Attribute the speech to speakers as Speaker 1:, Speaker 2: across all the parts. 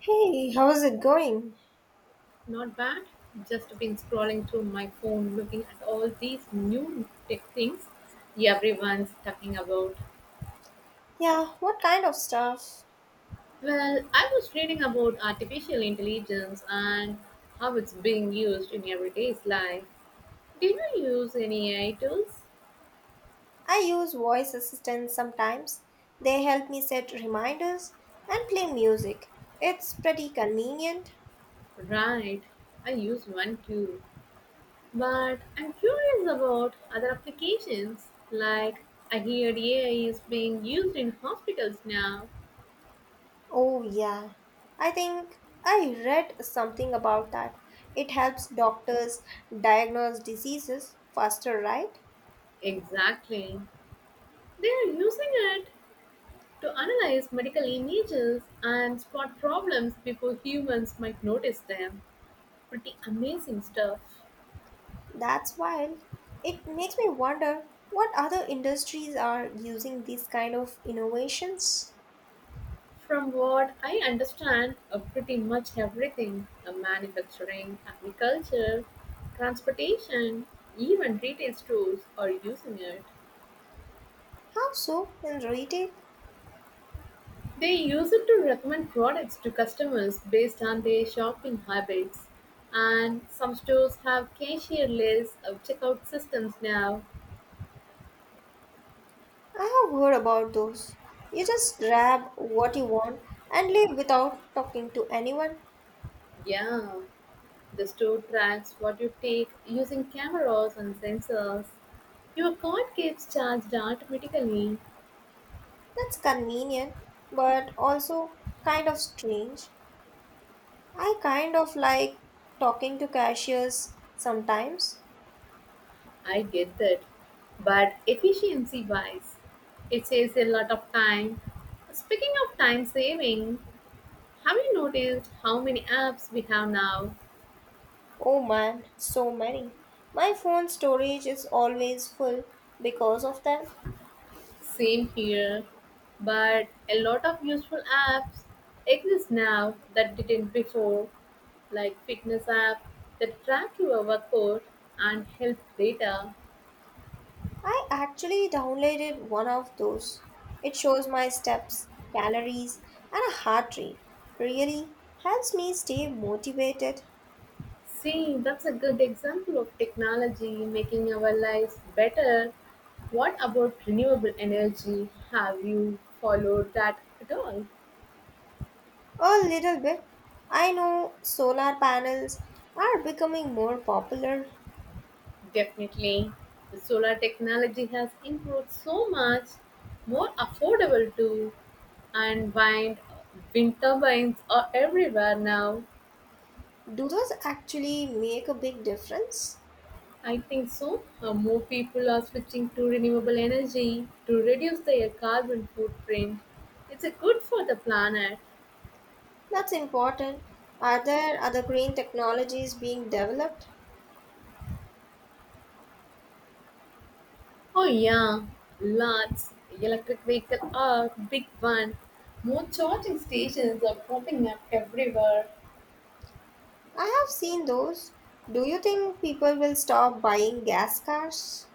Speaker 1: Hey, how's it going?
Speaker 2: Not bad. Just been scrolling through my phone looking at all these new tech things everyone's talking about.
Speaker 1: Yeah, what kind of stuff?
Speaker 2: Well, I was reading about artificial intelligence and how it's being used in everyday's life. Do you use any AI tools?
Speaker 1: I use voice assistants sometimes. They help me set reminders and play music. It's pretty convenient.
Speaker 2: Right, I use one too. But I'm curious about other applications. Like, I heard AI is being used in hospitals now.
Speaker 1: Oh, yeah. I think I read something about that. It helps doctors diagnose diseases faster, right?
Speaker 2: Exactly. They are using it to analyze medical images and spot problems before humans might notice them. Pretty amazing stuff.
Speaker 1: That's wild. It makes me wonder what other industries are using these kind of innovations.
Speaker 2: From what I understand, pretty much everything, manufacturing, agriculture, transportation, even retail stores are using it.
Speaker 1: How so in retail?
Speaker 2: They use it to recommend products to customers based on their shopping habits. And some stores have cashier lists of checkout systems now.
Speaker 1: I have heard about those. You just grab what you want and leave without talking to anyone.
Speaker 2: Yeah. The store tracks what you take using cameras and sensors. Your card gets charged automatically.
Speaker 1: That's convenient, but also kind of strange. I kind of like talking to cashiers sometimes.
Speaker 2: I get that. But efficiency wise, it saves a lot of time. Speaking of time saving, have you noticed how many apps we have now?
Speaker 1: Oh man, so many. My phone storage is always full because of them.
Speaker 2: Same here. But a lot of useful apps exist now that didn't before, like fitness app that track your workout and health data.
Speaker 1: I actually downloaded one of those. It shows my steps, calories, and a heart rate. Really helps me stay motivated
Speaker 2: See, that's a good example of technology making our lives better. What about renewable energy? Have you followed that at all?
Speaker 1: a little bit. I know solar panels are becoming more popular.
Speaker 2: Definitely. The solar technology has improved so much, more affordable too, and wind turbines are everywhere now.
Speaker 1: Do those actually make a big difference?
Speaker 2: I think so. More people are switching to renewable energy to reduce their carbon footprint. It's a good for the planet.
Speaker 1: That's important. Are there other green technologies being developed?
Speaker 2: Oh yeah, lots. Electric vehicles are a big one. More charging stations are popping up everywhere.
Speaker 1: I have seen those. Do you think people will stop buying gas cars?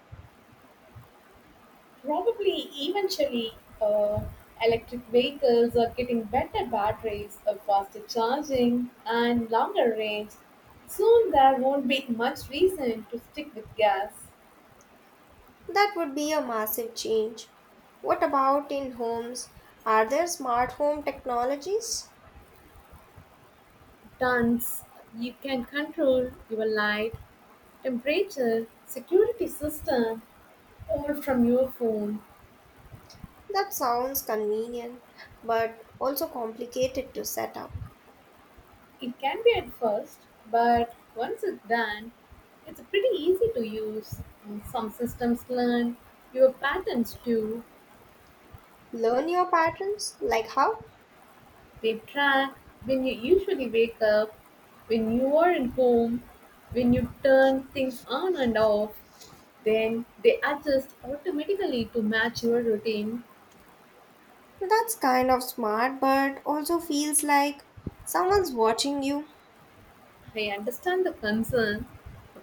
Speaker 2: Probably eventually, uh, electric vehicles are getting better batteries, faster charging, and longer range. Soon there won't be much reason to stick with gas.
Speaker 1: That would be a massive change. What about in homes? Are there smart home technologies?
Speaker 2: Tons. You can control your light, temperature, security system, all from your phone.
Speaker 1: That sounds convenient, but also complicated to set up.
Speaker 2: It can be at first, but once it's done, it's pretty easy to use. Some systems learn your patterns too.
Speaker 1: Learn your patterns? Like how?
Speaker 2: They track when you usually wake up, when you are at home, when you turn things on and off. Then they adjust automatically to match your routine.
Speaker 1: That's kind of smart, but also feels like someone's watching you.
Speaker 2: I understand the concern.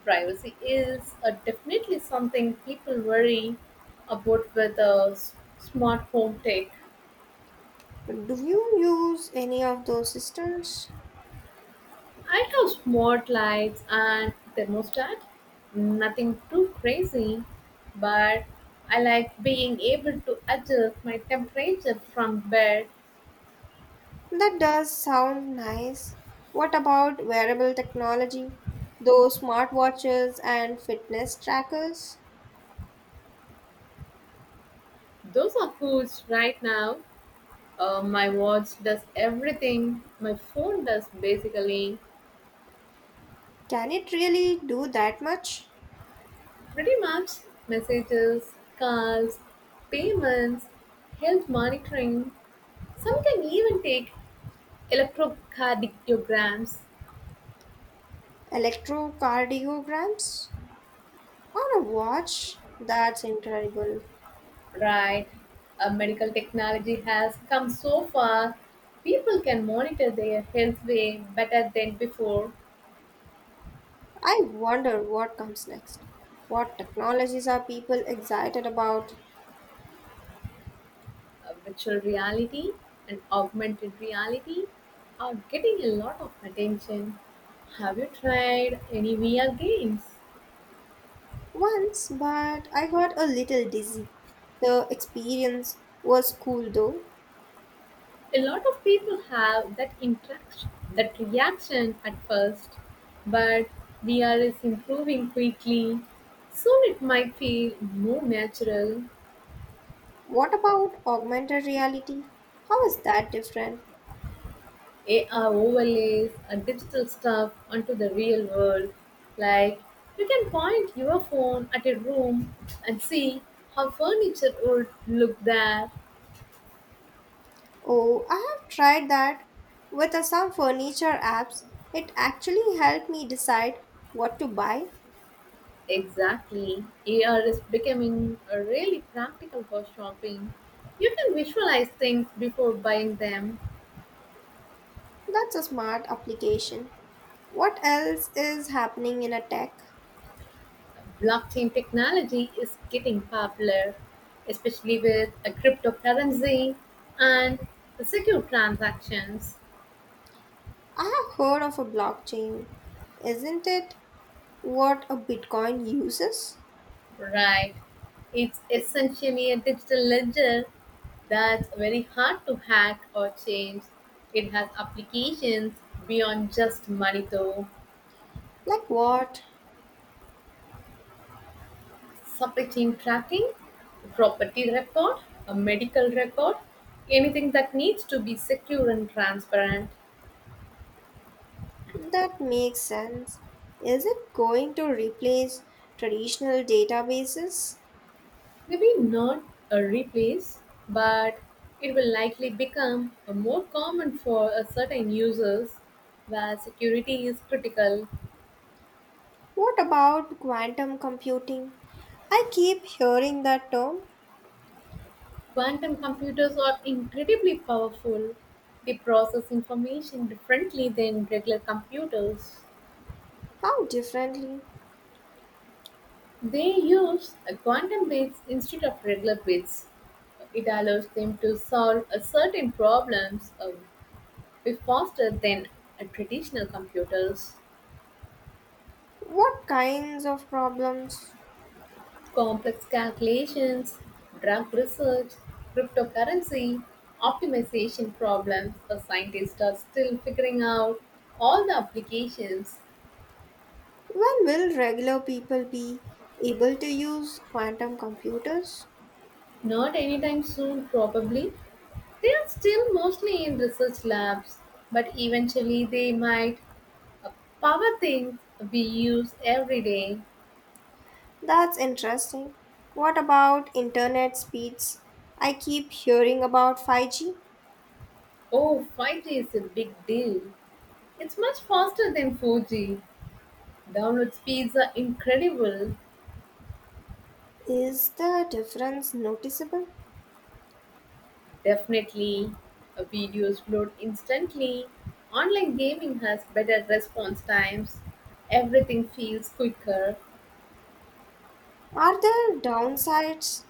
Speaker 2: Privacy is definitely something people worry about with smart home tech.
Speaker 1: Do you use any of those systems?
Speaker 2: I have smart lights and thermostat. Nothing too crazy, but I like being able to adjust my temperature from bed.
Speaker 1: That does sound nice. What about wearable technology? Those smartwatches and fitness trackers?
Speaker 2: Those are foods right now. My watch does everything. My phone does basically
Speaker 1: Can it really do that much?
Speaker 2: pretty much messages, calls, payments, health monitoring. Some can even take electrocardiograms.
Speaker 1: Electrocardiograms on a watch? That's incredible.
Speaker 2: Right. Medical technology has come so far. People can monitor their health way better than before.
Speaker 1: I wonder what comes next. What technologies are people excited about?
Speaker 2: Virtual reality and augmented reality are getting a lot of attention. Have you tried any VR games?
Speaker 1: Once, but I got a little dizzy. The experience was cool though.
Speaker 2: A lot of people have that reaction at first, but VR is improving quickly, so it might feel more natural.
Speaker 1: What about augmented reality? How is that different?
Speaker 2: AR overlays and digital stuff onto the real world. Like you can point your phone at a room and see how furniture would look there.
Speaker 1: Oh, I have tried that with some furniture apps. It actually helped me decide what to buy.
Speaker 2: Exactly. AR is becoming a really practical for shopping. You can visualize things before buying them.
Speaker 1: That's a smart application. What else is happening in a tech?
Speaker 2: Blockchain technology is getting popular, especially with a cryptocurrency and the secure transactions.
Speaker 1: I have heard of a blockchain. Isn't it what a Bitcoin uses?
Speaker 2: Right. It's essentially a digital ledger that's very hard to hack or change. It has applications beyond just money though.
Speaker 1: Like what?
Speaker 2: Supply chain tracking, property record, a medical record, anything that needs to be secure and transparent.
Speaker 1: That makes sense. Is it going to replace traditional databases?
Speaker 2: Maybe not a replace, but it will likely become a more common for a certain users where security is critical.
Speaker 1: What about quantum computing? I keep hearing that term.
Speaker 2: Quantum computers are incredibly powerful. They process information differently than regular computers.
Speaker 1: How differently?
Speaker 2: They use quantum bits instead of regular bits. It allows them to solve certain problems way faster than traditional computers.
Speaker 1: What kinds of problems?
Speaker 2: Complex calculations, drug research, cryptocurrency, optimization problems, the scientists are still figuring out all the applications.
Speaker 1: When will regular people be able to use quantum computers?
Speaker 2: Not anytime soon, probably. They are still mostly in research labs, but eventually they might. Power things we use every day.
Speaker 1: That's interesting. What about internet speeds? I keep hearing about 5G.
Speaker 2: Oh, 5G is a big deal. It's much faster than 4G. Download speeds are incredible.
Speaker 1: Is the difference noticeable?
Speaker 2: Definitely. Videos load instantly. Online gaming has better response times. Everything feels quicker.
Speaker 1: Are there downsides?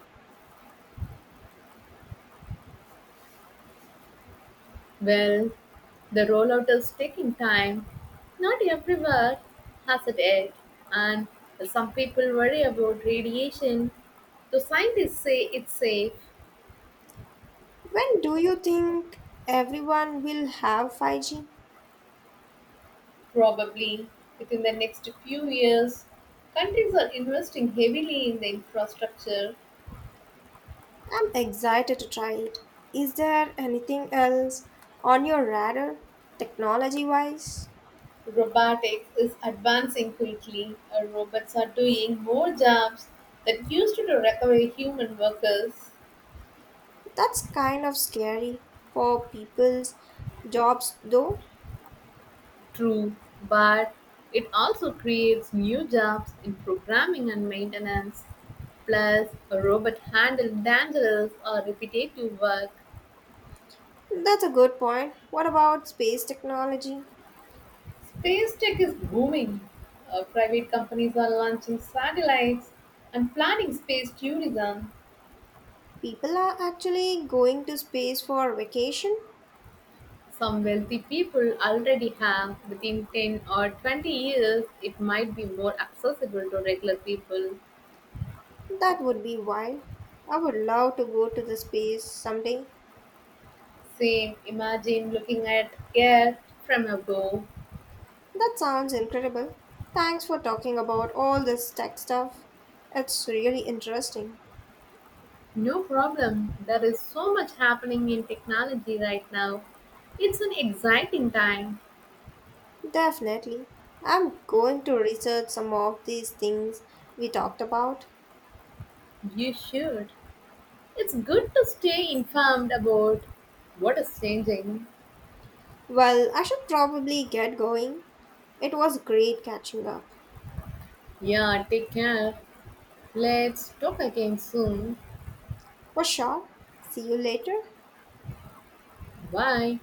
Speaker 2: Well, the rollout is taking time. Not everywhere has it yet, and some people worry about radiation. The scientists say it's safe,
Speaker 1: When do you think everyone will have 5G?
Speaker 2: probably within the next few years. Countries are investing heavily in the infrastructure.
Speaker 1: I'm excited to try it. Is there anything else on your radar, technology wise?
Speaker 2: Robotics is advancing quickly. Robots are doing more jobs that used to do require human workers.
Speaker 1: That's kind of scary for people's jobs, though.
Speaker 2: True, but it also creates new jobs in programming and maintenance. Plus, a robot handle dangerous or repetitive work.
Speaker 1: That's a good point. What about space technology?
Speaker 2: Space tech is booming. Private companies are launching satellites and planning space tourism.
Speaker 1: People are actually going to space for vacation?
Speaker 2: Some wealthy people already have. Within 10 or 20 years, it might be more accessible to regular people.
Speaker 1: That would be wild. I would love to go to the space someday.
Speaker 2: Same, imagine looking at air from above.
Speaker 1: That sounds incredible. Thanks for talking about all this tech stuff. It's really interesting.
Speaker 2: No problem. There is so much happening in technology right now. It's an exciting time.
Speaker 1: Definitely. I'm going to research some of these things we talked about.
Speaker 2: You should. It's good to stay informed about what is changing.
Speaker 1: Well, I should probably get going. It was great catching up.
Speaker 2: Yeah, take care. Let's talk again soon.
Speaker 1: For sure. See you later.
Speaker 2: Bye.